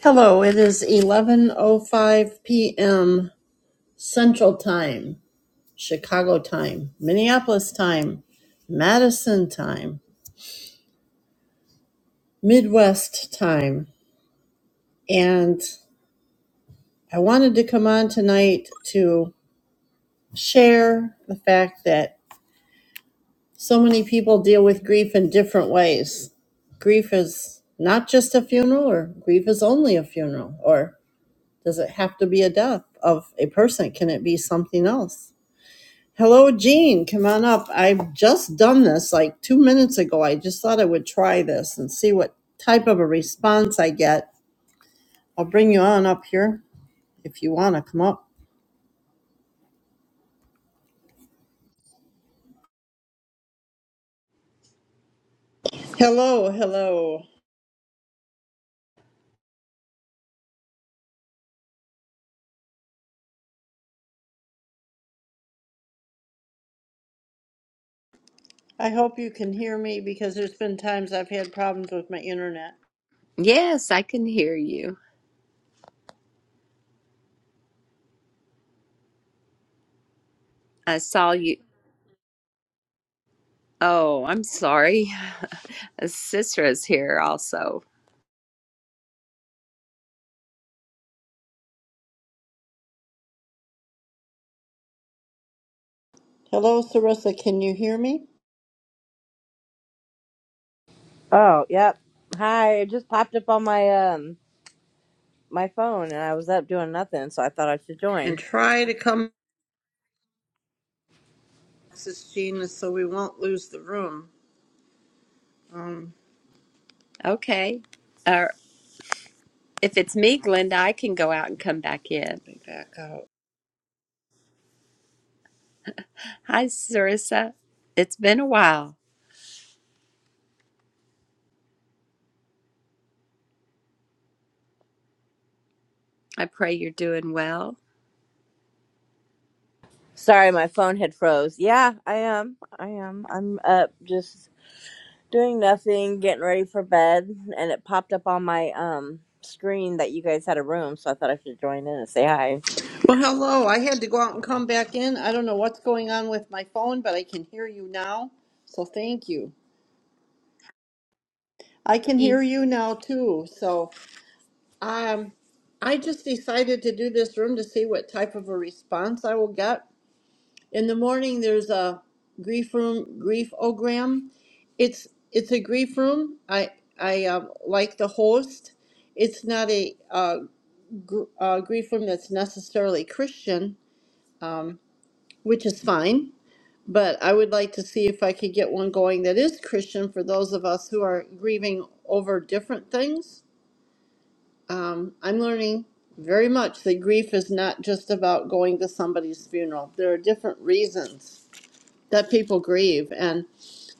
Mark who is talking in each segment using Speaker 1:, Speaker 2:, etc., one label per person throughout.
Speaker 1: Hello, it is 11:05 p.m. Central Time, Chicago time, Minneapolis time, Madison time, Midwest time, and I wanted to come on tonight to share the fact that so many people deal with grief in different ways. Grief is not just a funeral or grief is only a funeral or does it have to be a death of a person? Can it be something else? Hello, Jean. Come on up. I've just done this like two minutes ago. I just thought I would try this and see what type of a response I get. I'll bring you on up here if you want to come up. Hello, hello. I hope you can hear me because there's been times I've had problems with my internet.
Speaker 2: Yes, I can hear you. I saw you. Oh, I'm sorry. Sistra's here also.
Speaker 1: Hello, Sarissa. Can you hear me?
Speaker 3: Oh, yep. Hi, it just popped up on my um my phone and I was up doing nothing, so I thought I should
Speaker 1: And
Speaker 3: join.
Speaker 1: try to come, this is Jean, so we won't lose the room. Um,
Speaker 2: Okay. Uh, if it's me, Glenda, I can go out and come back in.
Speaker 1: let me back out.
Speaker 2: Hi, Sarissa. It's been a while. I pray you're doing well.
Speaker 3: Sorry, my phone had froze. Yeah, I am. I am. I'm up just doing nothing, getting ready for bed, and it popped up on my um screen that you guys had a room, so I thought I should join in and say hi.
Speaker 1: Well, hello. I had to go out and come back in. I don't know what's going on with my phone, but I can hear you now. So thank you. I can hear
Speaker 2: Hey.
Speaker 1: you now too. So um, I just decided to do this room to see what type of a response I will get. In the morning, there's a grief room, grief ogram. It's it's a grief room. I I uh, like the host. It's not a uh, gr- uh, grief room that's necessarily Christian, which is fine But I would like to see if I could get one going that is Christian for those of us who are grieving over different things. Um, I'm learning very much that grief is not just about going to somebody's funeral. There are different reasons that people grieve, and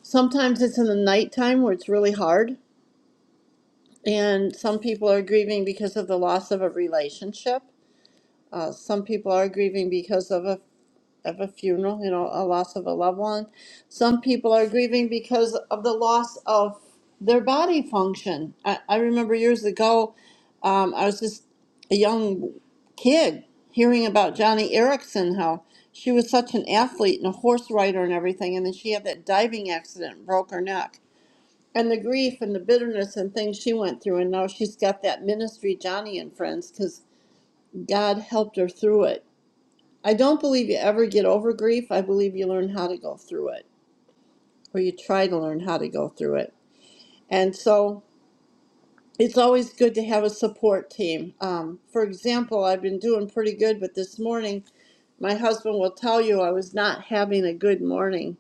Speaker 1: sometimes it's in the nighttime where it's really hard. And some people are grieving because of the loss of a relationship. Uh, some people are grieving because of a of a funeral, you know, a loss of a loved one. Some people are grieving because of the loss of their body function. I, I remember years ago, um, I was just a young kid hearing about Johnny Erickson, how she was such an athlete and a horse rider and everything, and then she had that diving accident, and broke her neck. And the grief and the bitterness and things she went through, and now she's got that ministry, Johnny and Friends, because God helped her through it I don't believe you ever get over grief. I believe you learn how to go through it, or you try to learn how to go through it. And so it's always good to have a support team. Um, for example, I've been doing pretty good, but this morning, my husband will tell you I was not having a good morning.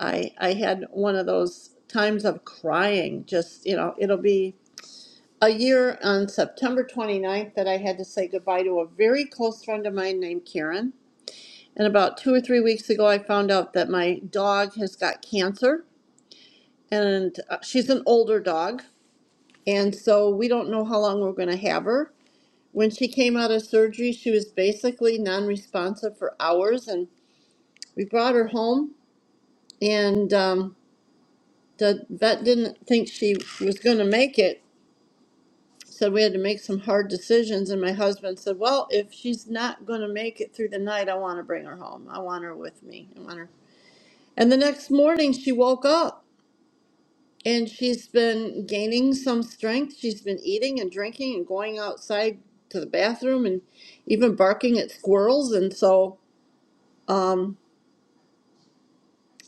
Speaker 1: I, I had one of those times of crying, just, you know, it'll be a year on September 29th that I had to say goodbye to a very close friend of mine named Karen And about two or three weeks ago, I found out that my dog has got cancer, and uh, she's an older dog. And so we don't know how long we're going to have her. When she came out of surgery, she was basically non responsive for hours, and we brought her home. And um, the vet didn't think she was going to make it, said we had to make some hard decisions. And my husband said, Well, if she's not going to make it through the night, I want to bring her home. I want her with me. I want her. And the next morning, she woke up And she's been gaining some strength. She's been eating and drinking and going outside to the bathroom and even barking at squirrels. And so, um,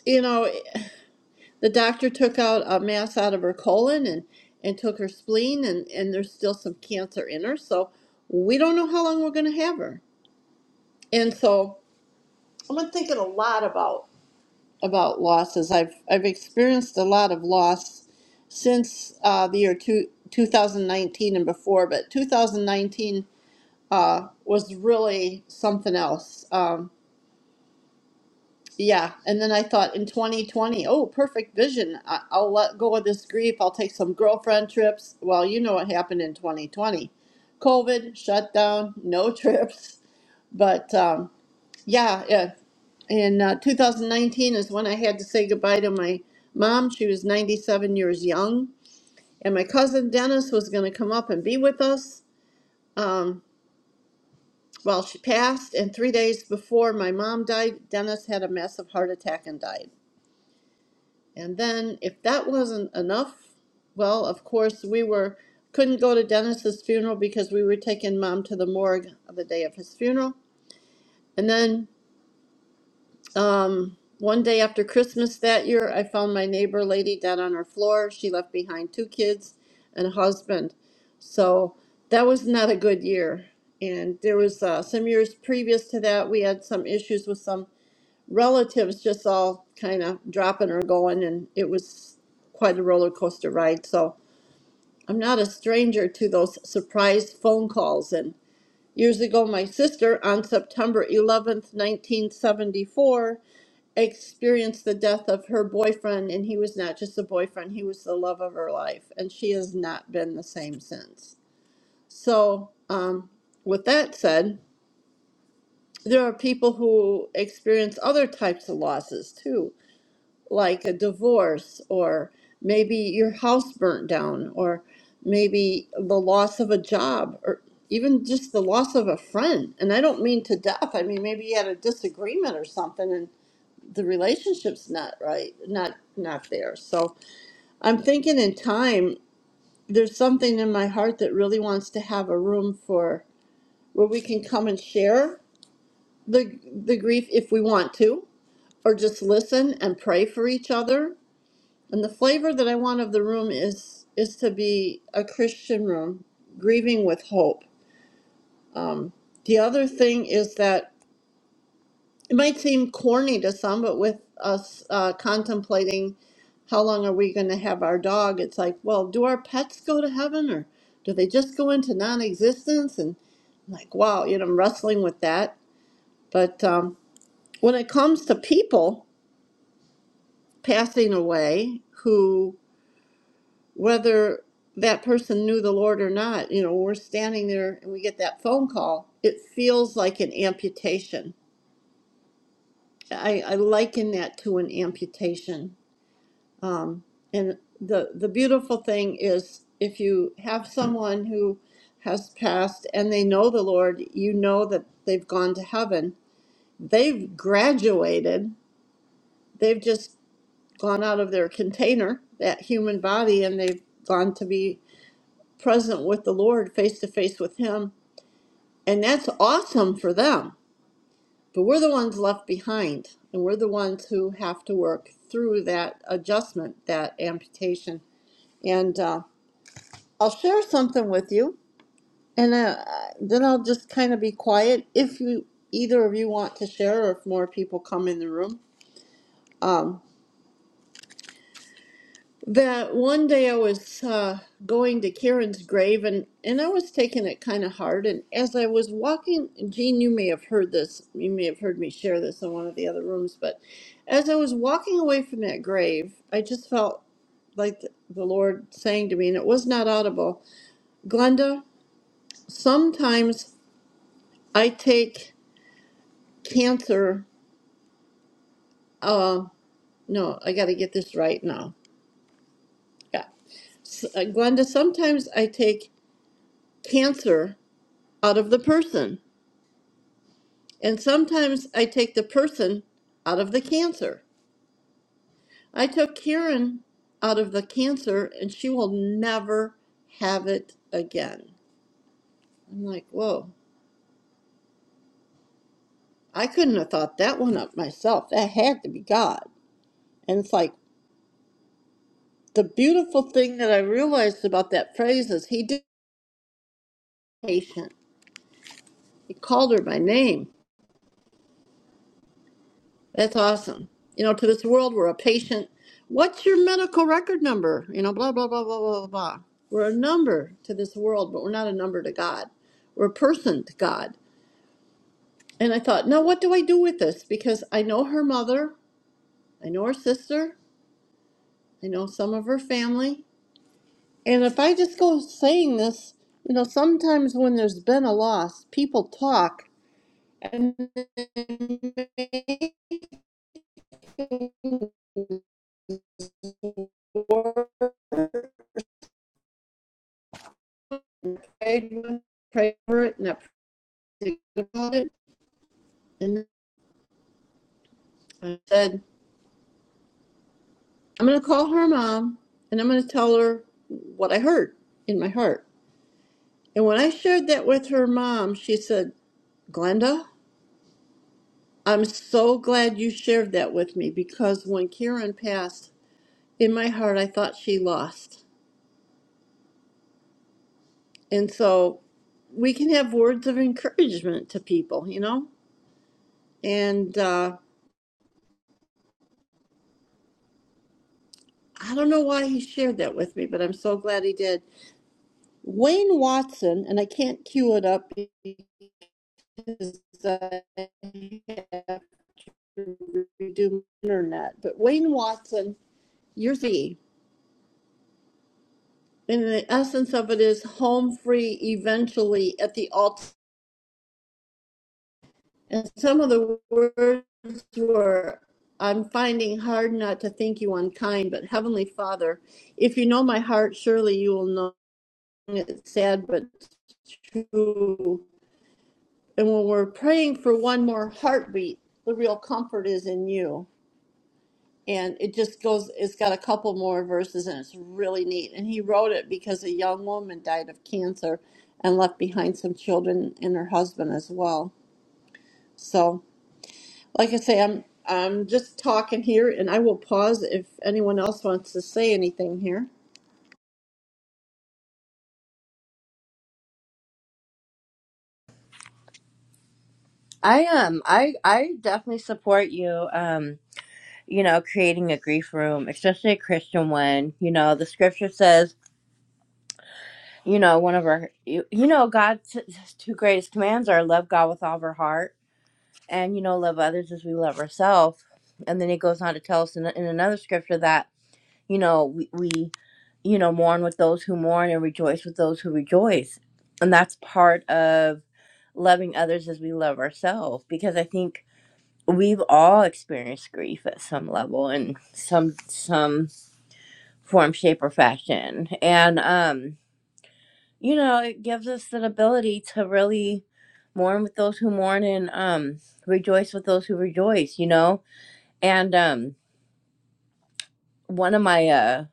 Speaker 1: you know, the doctor took out a mass out of her colon and, and took her spleen, and, and there's still some cancer in her. So we don't know how long we're going to have her. And so I've been thinking a lot about. about losses. I've I've experienced a lot of loss since uh, the year two, 2019 and before, but 2019 uh, was really something else. Um, yeah, and then I thought in 2020, oh, perfect vision. I, I'll let go of this grief. I'll take some girlfriend trips. Well, you know what happened in 2020. COVID shut down, no trips. But um, yeah, yeah. In uh, 2019 is when I had to say goodbye to my mom. She was 97 years young, and my cousin Dennis was going to come up and be with us um, while she passed. And three days before my mom died, Dennis had a massive heart attack and died. And then, if that wasn't enough, well, of course we were couldn't go to Dennis's funeral because we were taking mom to the morgue the day of his funeral. And then Um, one day after Christmas that year, I found my neighbor lady dead on her floor. She left behind two kids and a husband. So that was not a good year. And there was uh, some years previous to that, we had some issues with some relatives just all kind of dropping or going, and it was quite a roller coaster ride. So I'm not a stranger to those surprise phone calls and. Years ago, my sister, on September 11th, 1974, experienced the death of her boyfriend, and he was not just a boyfriend, he was the love of her life, and she has not been the same since. So, um, with that said, there are people who experience other types of losses too like a divorce, or maybe your house burnt down, or maybe the loss of a job, or even just the loss of a friend. And I don't mean to death. I mean maybe you had a disagreement or something, and the relationship's not right, not not there. So I'm thinking in time, there's something in my heart that really wants to have a room for where we can come and share the the grief if we want to, or just listen and pray for each other And the flavor that I want of the room is is to be a Christian room, grieving with hope. The other thing is that it might seem corny to some, but with us uh, contemplating how long are we going to have our dog, it's like, well, do our pets go to heaven or do they just go into non-existence? And I'm like, wow, you know, I'm wrestling with that. But um, when it comes to people passing away who whether that person knew the Lord or not, you know, we're standing there and we get that phone call, it feels like an amputation. I, I liken that to an amputation. Um, and the, the beautiful thing is if you have someone who has passed and they know the Lord, you know that they've gone to heaven. They've graduated, they've just gone out of their container, that human body, and they've gone to be present with the Lord, face to face with Him. And that's awesome for them. But we're the ones left behind, and we're the ones who have to work through that adjustment, that amputation. And uh, I'll share something with you, and uh, then I'll just kind of be quiet if you either of you want to share, or if more people come in the room. Um, that one day I was uh, going to Karen's grave and, and I was taking it kind of hard. And as I was walking, Jean, you may have heard this, you may have heard me share this in one of the other rooms, but as I was walking away from that grave, I just felt like the the Lord saying to me, and it was not audible Glenda, sometimes I take cancer. Uh, no, I got to get this right now. Yeah. S- uh, Glenda, sometimes I take cancer out of the person. And sometimes I take the person out of the cancer. I took Karen out of the cancer and she will never have it again. I'm like, whoa, I couldn't have thought that one up myself. That had to be God. And it's like the beautiful thing that I realized about that phrase is he did patient. He called her by name. That's awesome. You know, to this world, we're a patient. What's your medical record number? You know, blah, blah, blah, blah, blah, blah. We're a number to this world, but we're not a number to God. We're a person to God. And I thought, now what do I do with this? Because I know her mother, I know her sister, I know some of her family. And if I just go saying this, you know, sometimes when there's been a loss, people talk and they make prayed with, prayed for it, and I prayed about it. And I said, I'm going to call her mom and I'm going to tell her what I heard in my heart. And when I shared that with her mom, she said, Glenda, I'm so glad you shared that with me because when Karen passed, in my heart, I thought she lost. And so we can have words of encouragement to people, you know? And uh, I don't know why he shared that with me, but I'm so glad he did. Wayne Watson, and I can't cue it up because I have to redo my internet, but Wayne Watson, years Z, and the essence of it is home free eventually at the alt. And some of the words were, I'm finding hard not to think you unkind, but Heavenly Father, if you know my heart, surely you will know it's sad but true. And when we're praying for one more heartbeat, the real comfort is in you. And it just goes, it's got a couple more verses and it's really neat. And he wrote it because a young woman died of cancer and left behind some children and her husband as well. So, like I say, I'm I'm just talking here and I will pause if anyone else wants to say anything here.
Speaker 3: I am. I I definitely support you. Um you know, creating a grief room, especially a Christian one. You know, the scripture says you know one of our you, you know god's two greatest commands are love god with all of our heart and you know love others as we love ourselves and then he goes on to tell us in, in another scripture that you know we, we you know mourn with those who mourn and rejoice with those who rejoice and that's part of loving others as we love ourselves because i think we've all experienced grief at some level in some some form shape or fashion and um you know, it gives us an ability to really mourn with those who mourn and um rejoice with those who rejoice, you know? And um one of my uh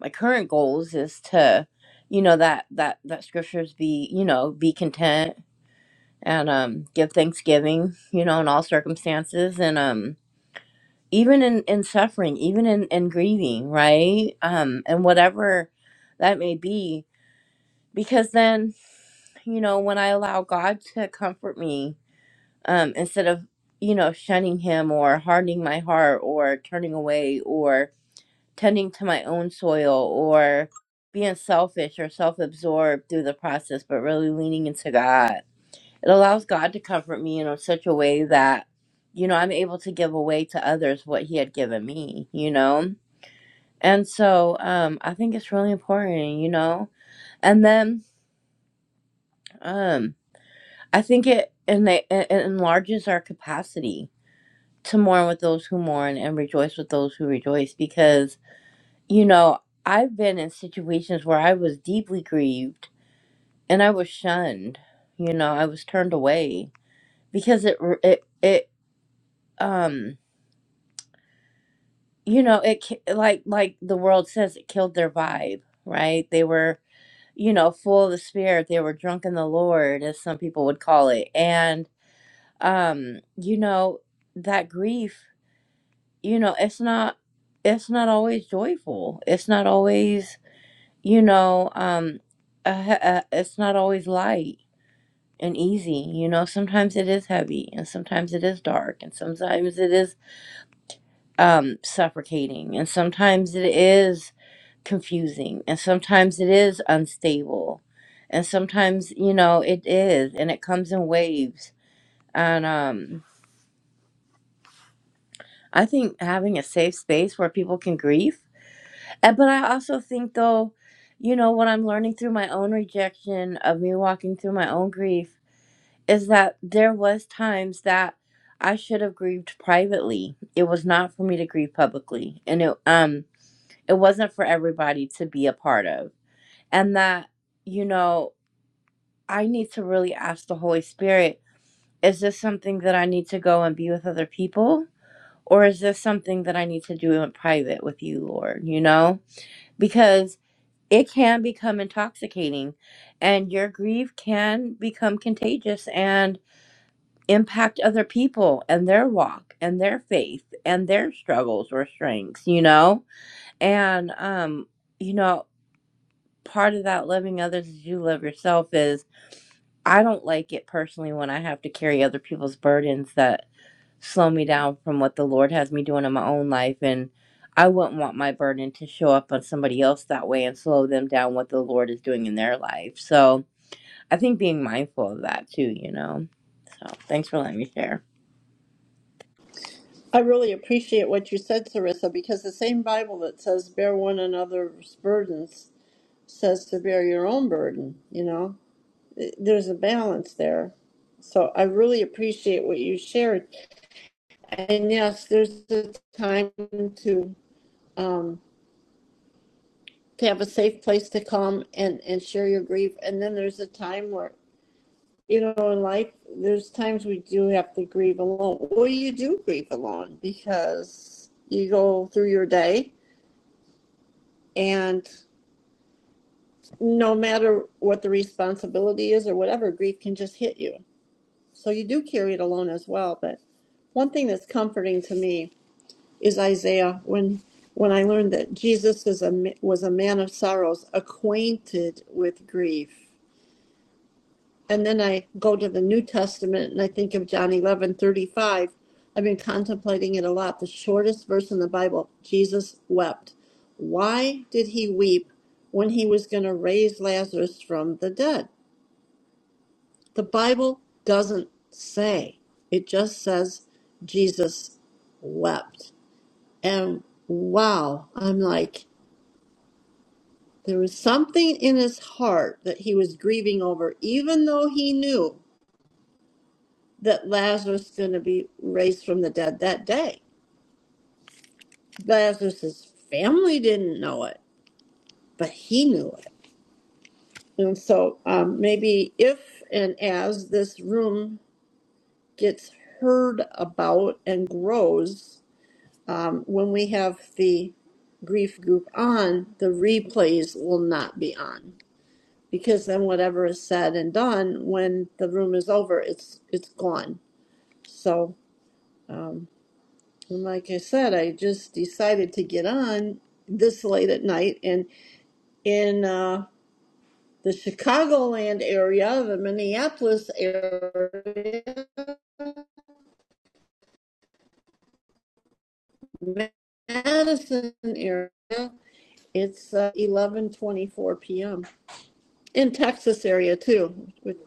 Speaker 3: my current goals is to, you know, that that that scriptures be, you know, be content and um give thanksgiving, you know, in all circumstances and um even in in suffering, even in in grieving, right? Um and whatever that may be because then, you know, when I allow God to comfort me um, instead of you know shunning him or hardening my heart or turning away or tending to my own soil or being selfish or self-absorbed through the process but really leaning into god it allows god to comfort me in such a way that you know i'm able to give away to others what he had given me you know and so um i think it's really important you know and then um i think it and it enlarges our capacity to mourn with those who mourn and rejoice with those who rejoice because you know i've been in situations where i was deeply grieved and i was shunned you know i was turned away because it it it um you know it ki- like like the world says it killed their vibe right they were you know full of the spirit they were drunk in the lord as some people would call it and um you know that grief you know it's not it's not always joyful it's not always you know um a, a, it's not always light and easy you know sometimes it is heavy and sometimes it is dark and sometimes it is um suffocating and sometimes it is confusing and sometimes it is unstable and sometimes you know it is and it comes in waves and um i think having a safe space where people can grieve Uh, But I also think, though, you know, what I'm learning through my own rejection of me walking through my own grief is that there was times that I should have grieved privately. It was not for me to grieve publicly, and it um it wasn't for everybody to be a part of. And that you know, I need to really ask the Holy Spirit: Is this something that I need to go and be with other people, or is this something that I need to do in private with you, Lord? You know, because it can become intoxicating and your grief can become contagious and impact other people and their walk and their faith and their struggles or strengths you know and um you know part of that loving others as you love yourself is. I don't like it personally when I have to carry other people's burdens that slow me down from what the Lord has me doing in my own life. And I wouldn't want my burden to show up on somebody else that way and slow them down what the Lord is doing in their life. So I think being mindful of that too, you know. So thanks for letting me share.
Speaker 1: I really appreciate what you said, Sarissa, because the same Bible that says bear one another's burdens says to bear your own burden, you know? there's a balance there. So I really appreciate what you shared. And yes, there's a time to um, to have a safe place to come and and share your grief. And then there's a time where you know in life there's times we do have to grieve alone. Well, you do grieve alone because you go through your day and no matter what the responsibility is or whatever, grief can just hit you. So you do carry it alone as well. But one thing that's comforting to me is Isaiah when when I learned that Jesus is a ma- was a man of sorrows, acquainted with grief. And then I go to the New Testament and I think of John eleven i I've been contemplating it a lot. The shortest verse in the Bible, Jesus wept. Why did he weep when he was going to raise Lazarus from the dead? The Bible doesn't say. It just says Jesus wept. And wow, I'm like, there was something in his heart that he was grieving over, even though he knew that Lazarus was going to be raised from the dead that day. Lazarus's family didn't know it, but he knew it. And so um, maybe if and as this room gets heard about and grows, Um, when we have the grief group on, the replays will not be on because then whatever is said and done when the room is over, it's it's gone. So, um, and like I said, I just decided to get on this late at night, and in uh, the Chicagoland area, the Minneapolis area, Madison area, it's uh, 11:24 p.m. in Texas area too, with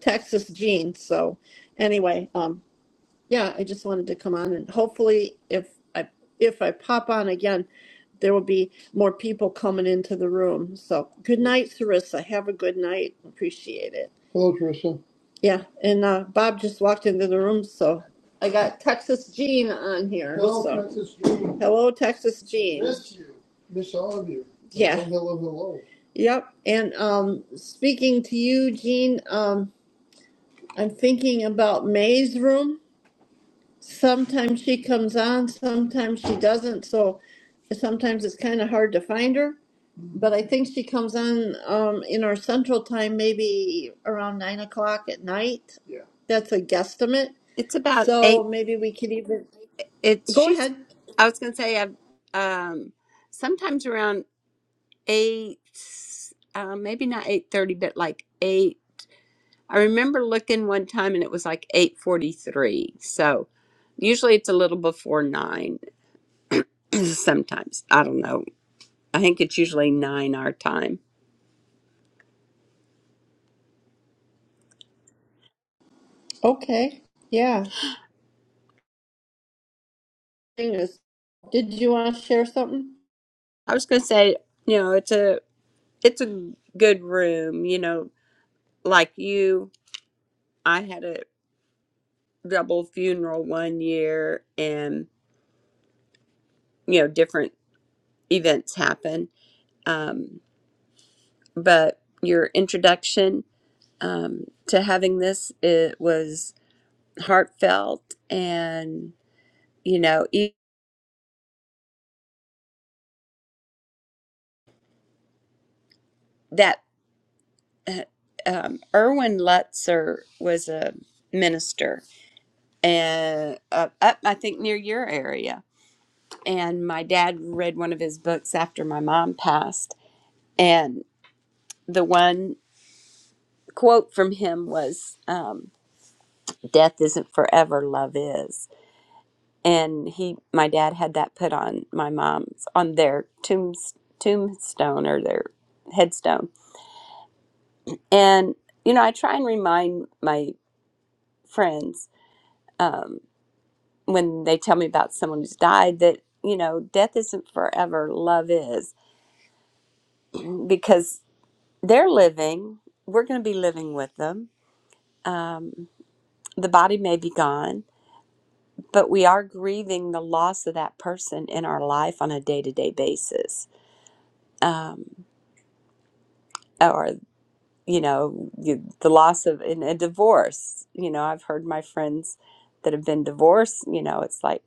Speaker 1: Texas genes. So anyway, um, yeah, I just wanted to come on and hopefully if I if I pop on again, there will be more people coming into the room. So good night, Sarissa. Have a good night. Appreciate it. Hello, Teresa. Yeah, and uh, Bob just walked into the room, so I got Texas Jean on here. Hello, So Princess Jean. hello, Texas Jean. Miss you. Miss all of you. And Yeah, say hello, hello. yep. And um, speaking to you, Jean, um, I'm thinking about May's room sometimes she comes on, sometimes she doesn't. So sometimes it's kind of hard to find her. But I think she comes on um, in our central time, maybe around nine o'clock at night. Yeah. That's a guesstimate.
Speaker 2: It's about
Speaker 1: So
Speaker 2: eight.
Speaker 1: maybe we could even
Speaker 2: It's
Speaker 1: go
Speaker 2: she's.
Speaker 1: ahead.
Speaker 2: I was gonna say, I've, um, sometimes around eight, uh, maybe not eight thirty, but like eight. I remember looking one time and it was like 8:43. So usually it's a little before 9 sometimes. I don't know. I think it's usually 9 our time.
Speaker 1: Okay. Yeah. Thing is, Did you want to share something?
Speaker 2: I was going to say, you know, it's a it's a good room, you know, like you I had a double funeral one year and you know, different events happen. Um but your introduction um, to having this it was heartfelt and. you know e- that uh, um, Erwin Lutzer was a minister and uh, up I think near your area and my dad read one of his books after my mom passed and the one quote from him was um, death isn't forever love is and he my dad had that put on my mom's on their tombs, tombstone or their headstone and you know I try and remind my friends um, when they tell me about someone who's died that you know death isn't forever love is because they're living we're going to be living with them um, the body may be gone but we are grieving the loss of that person in our life on a day-to-day basis um, or you know you, the loss of in a divorce you know i've heard my friends that have been divorced you know it's like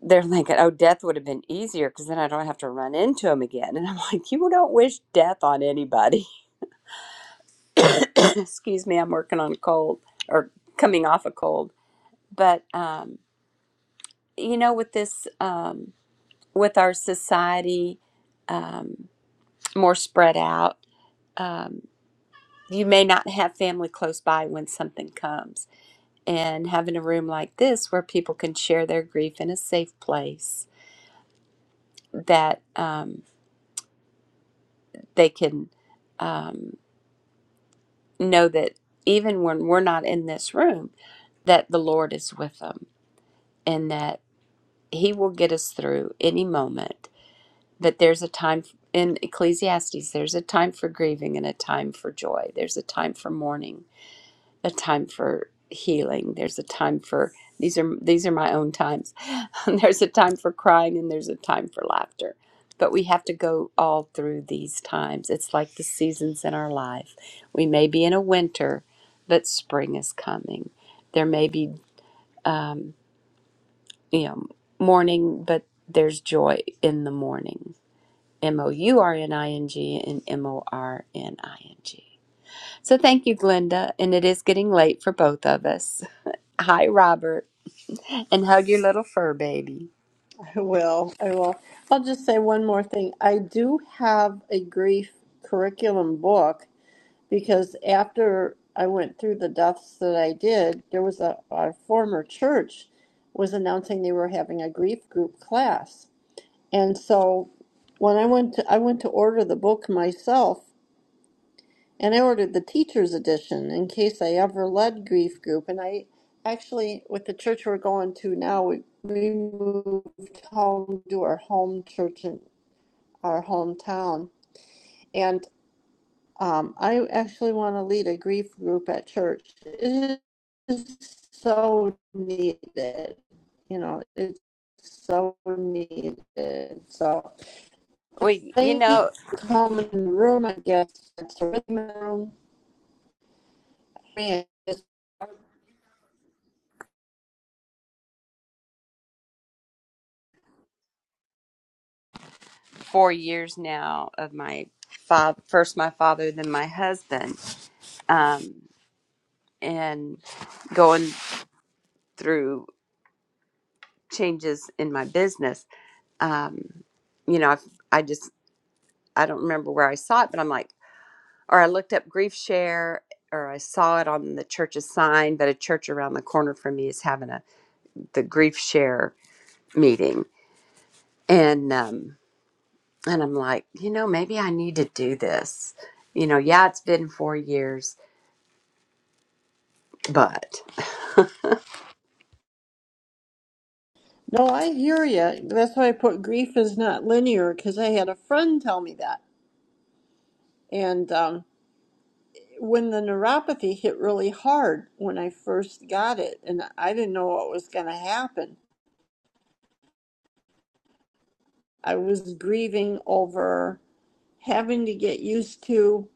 Speaker 2: they're like, oh, death would have been easier because then I don't have to run into him again. And I'm like, you don't wish death on anybody. Excuse me, I'm working on a cold or coming off a cold. But, um, you know, with this, um, with our society um, more spread out, um, you may not have family close by when something comes. And having a room like this where people can share their grief in a safe place that um, they can. Um, know that even when we're not in this room, that the Lord is with them and that He will get us through any moment. That there's a time in Ecclesiastes, there's a time for grieving and a time for joy. There's a time for mourning a time for healing there's a time for these are these are my own times there's a time for crying and there's a time for laughter but we have to go all through these times it's like the seasons in our life we may be in a winter but spring is coming there may be you know morning but there's joy in the morning m o u r n i n g and m o r n i n g So thank you, Glenda. And it is getting late for both of us. Hi, Robert. And hug your little fur baby.
Speaker 1: I will. I will. I'll just say one more thing. I do have a grief curriculum book because after I went through the deaths that I did, there was a, a former church was announcing they were having a grief group class. And so when I went to I went to order the book myself and I ordered the teacher's edition in case I ever led grief group and I actually with the church we're going to now we, we moved home to our home church in our hometown and. Um, I actually want to lead a grief group at church. It is so needed. You know, it's so needed. So
Speaker 2: We, you
Speaker 1: thank you
Speaker 2: know,
Speaker 1: for coming in the room, I guess. It's a rhythm room. Man, it's-
Speaker 2: four years now of my fa- first my father, then my husband, um, and going through changes in my business. Um, you know, I've, I just, I don't remember where I saw it, but I'm like, or I looked up grief share or I saw it on the church's sign, but a church around the corner from me is having a the grief share meeting and um and I'm like, you know, maybe I need to do this. You know, yeah, it's been 4 years, but
Speaker 1: No, I hear you. That's why I put grief is not linear because I had a friend tell me that. And um, when the neuropathy hit really hard when I first got it, and I didn't know what was going to happen I was grieving over having to get used to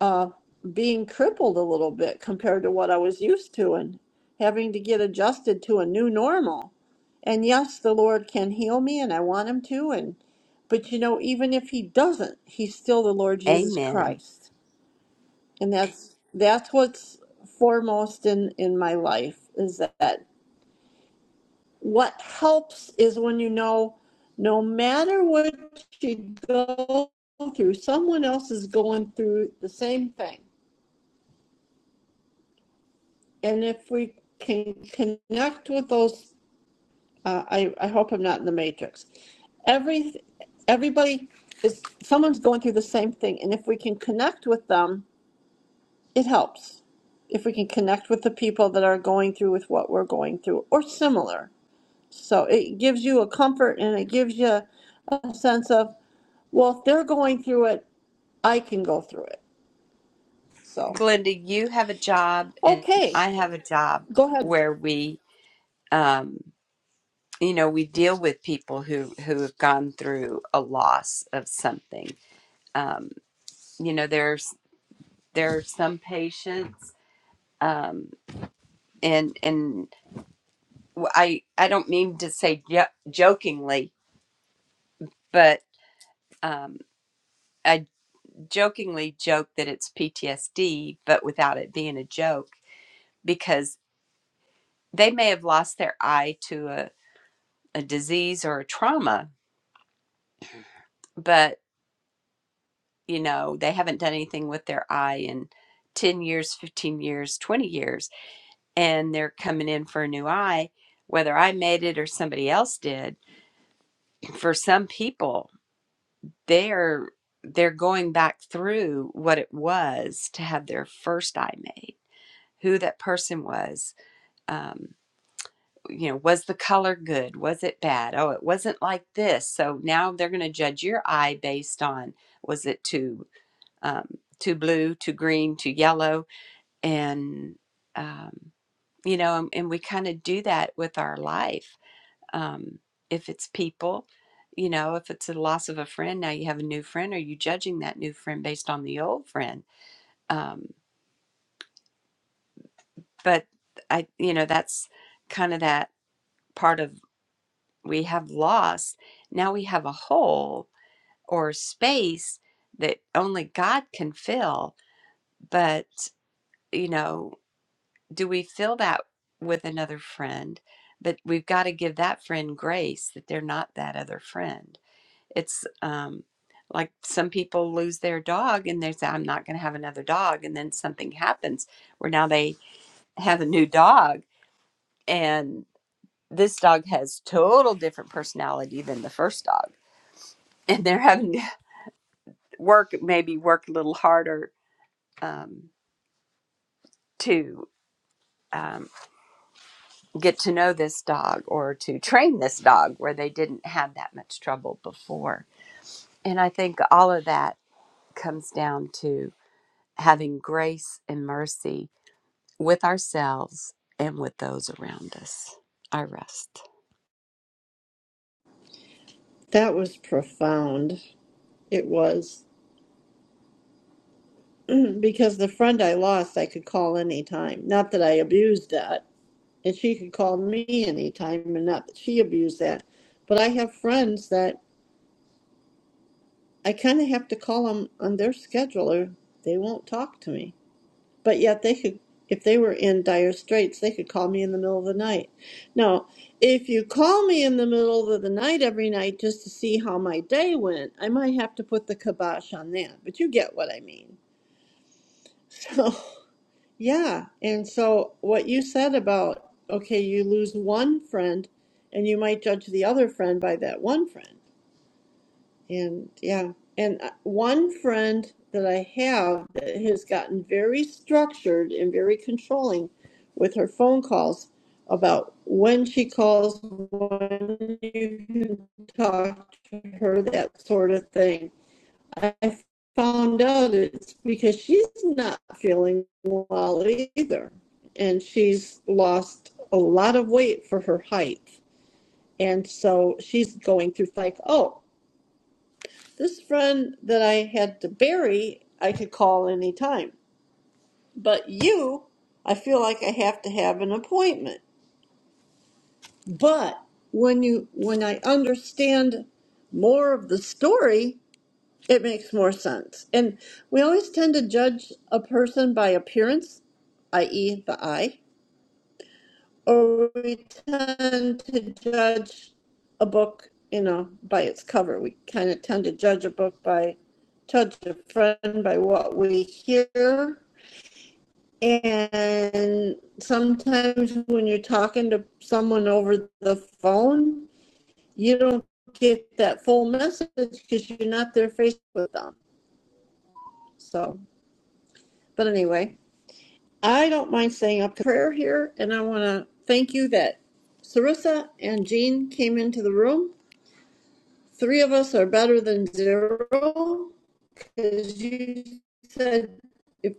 Speaker 1: uh, being crippled a little bit compared to what I was used to and having to get adjusted to a new normal. And yes, the Lord can heal me and I want him to and but you know even if he doesn't, he's still the Lord Jesus
Speaker 2: amen.
Speaker 1: Christ. And that's that's what's foremost in in my life is that what helps is when you know no matter what you go through, someone else is going through the same thing. And if we can connect with those, uh, I, I hope I'm not in the matrix. Every, everybody is, someone's going through the same thing. And if we can connect with them, it helps. If we can connect with the people that are going through with what we're going through or similar. So it gives you a comfort and it gives you a sense of Well, if they're going through it, I can go through it. So,
Speaker 2: Glenda, you have a job and
Speaker 1: okay,
Speaker 2: I have a job
Speaker 1: go ahead.
Speaker 2: where we um you know, we deal with people who who have gone through a loss of something. Um you know, there's there are some patients um and and I I don't mean to say jo- jokingly, but um I jokingly joke that it's PTSD, but without it being a joke, because they may have lost their eye to a, a disease or a trauma, but you know, they haven't done anything with their eye in 10 years, 15 years, 20 years, and they're coming in for a new eye, whether I made it or somebody else did. For some people, they're they're going back through what it was to have their first eye made, who that person was, um, you know, was the color good? Was it bad? Oh, it wasn't like this. So now they're going to judge your eye based on was it too um, too blue, too green, too yellow, and um, you know, and, and we kind of do that with our life. Um, if it's people, you know, if it's a loss of a friend, now you have a new friend. Are you judging that new friend based on the old friend? Um, but I, you know, that's kind of that part of we have loss. Now we have a hole or space that only God can fill. But, you know, do we fill that with another friend? But we've got to give that friend grace that they're not that other friend. It's um, like some people lose their dog and they say, I'm not going to have another dog. And then something happens where now they have a new dog. And this dog has total different personality than the first dog and they're having work maybe work a little harder um, to um, get to know this dog or to train this dog where they didn't have that much trouble before. And I think all of that comes down to having grace and mercy with ourselves and with those around us. I rest.
Speaker 1: That was profound. It was. because the friend I lost, I could call anytime. Not that I abused that. And she could call me anytime, and not that she abused that. But I have friends that I kind of have to call them on their schedule or they won't talk to me. but yet they could if they were in dire straits they could call me in the middle of the night now if you call me in the middle of the night every night just to see how my day went i might have to put the kibosh on that but you get what i mean so yeah and so what you said about okay you lose one friend and you might judge the other friend by that one friend and yeah, and uh, one friend that I have that has gotten very structured and very controlling with her phone calls about when she calls, when you can talk to her, that sort of thing. I found out it's because she's not feeling well either. And she's lost a lot of weight for her height. And so she's going through like, oh, this friend that I had to bury, I could call any time. But you, I feel like I have to have an appointment. But when you when I understand more of the story, it makes more sense. And we always tend to judge a person by appearance, i.e., the eye or we tend to judge a book, you know, by its cover. We kind of tend to judge a book by judge a friend by what we hear. And sometimes when you're talking to someone over the phone, you don't get that full message because you're not there face with them. So, but anyway, I don't mind saying a prayer here, and I want to thank you that Sarissa and Jean came into the room. Three of us are better than zero because you said if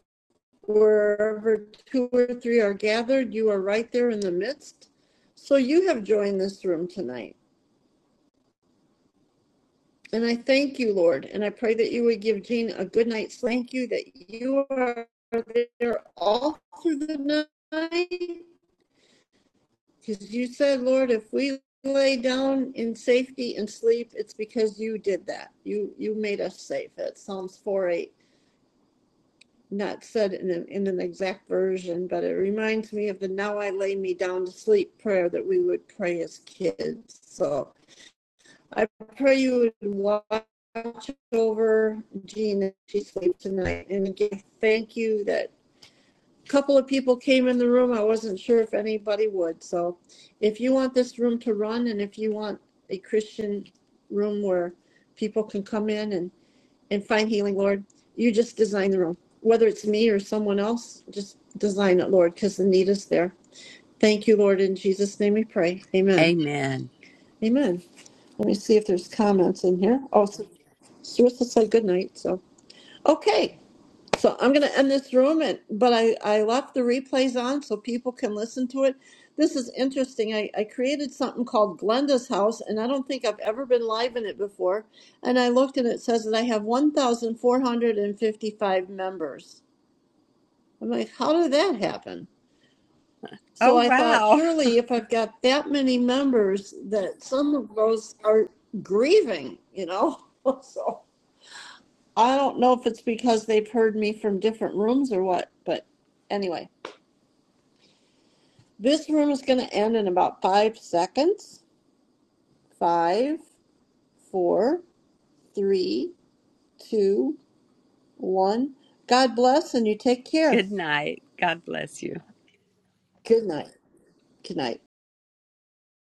Speaker 1: wherever two or three are gathered, you are right there in the midst. So you have joined this room tonight. And I thank you, Lord. And I pray that you would give Jean a good night's sleep. thank you, that you are there all through the night. Because you said, Lord, if we lay down in safety and sleep, it's because you did that. You you made us safe. That's Psalms four eight. not said in, a, in an exact version, but it reminds me of the Now I Lay Me Down to Sleep prayer that we would pray as kids. So I pray you would watch over Jean as she sleeps tonight. And again, thank you that a couple of people came in the room. I wasn't sure if anybody would. So if you want this room to run and if you want a Christian room where people can come in and and find healing, Lord. You just design the room, whether it's me or someone else, just design it, Lord, because the need is there. Thank you, Lord. In Jesus' name we pray. Amen.
Speaker 2: Amen.
Speaker 1: Amen. Let me see if there's comments in here. Oh, so Sarissa said good night. So, okay. So I'm going to end this room, and, but I, I left the replays on so people can listen to it. This is interesting. I, I created something called Glenda's House, and I don't think I've ever been live in it before. And I looked and it says that I have 1,455 members. I'm like, how did that happen? So
Speaker 2: Oh,
Speaker 1: I thought,
Speaker 2: wow.
Speaker 1: surely if I've got that many members, that some of those are grieving, you know? So I don't know if it's because they've heard me from different rooms or what, but anyway. This room is going to end in about five seconds. Five, four, three, two, one. God bless and you take care.
Speaker 2: Good night. God bless you.
Speaker 1: Good night. Good night.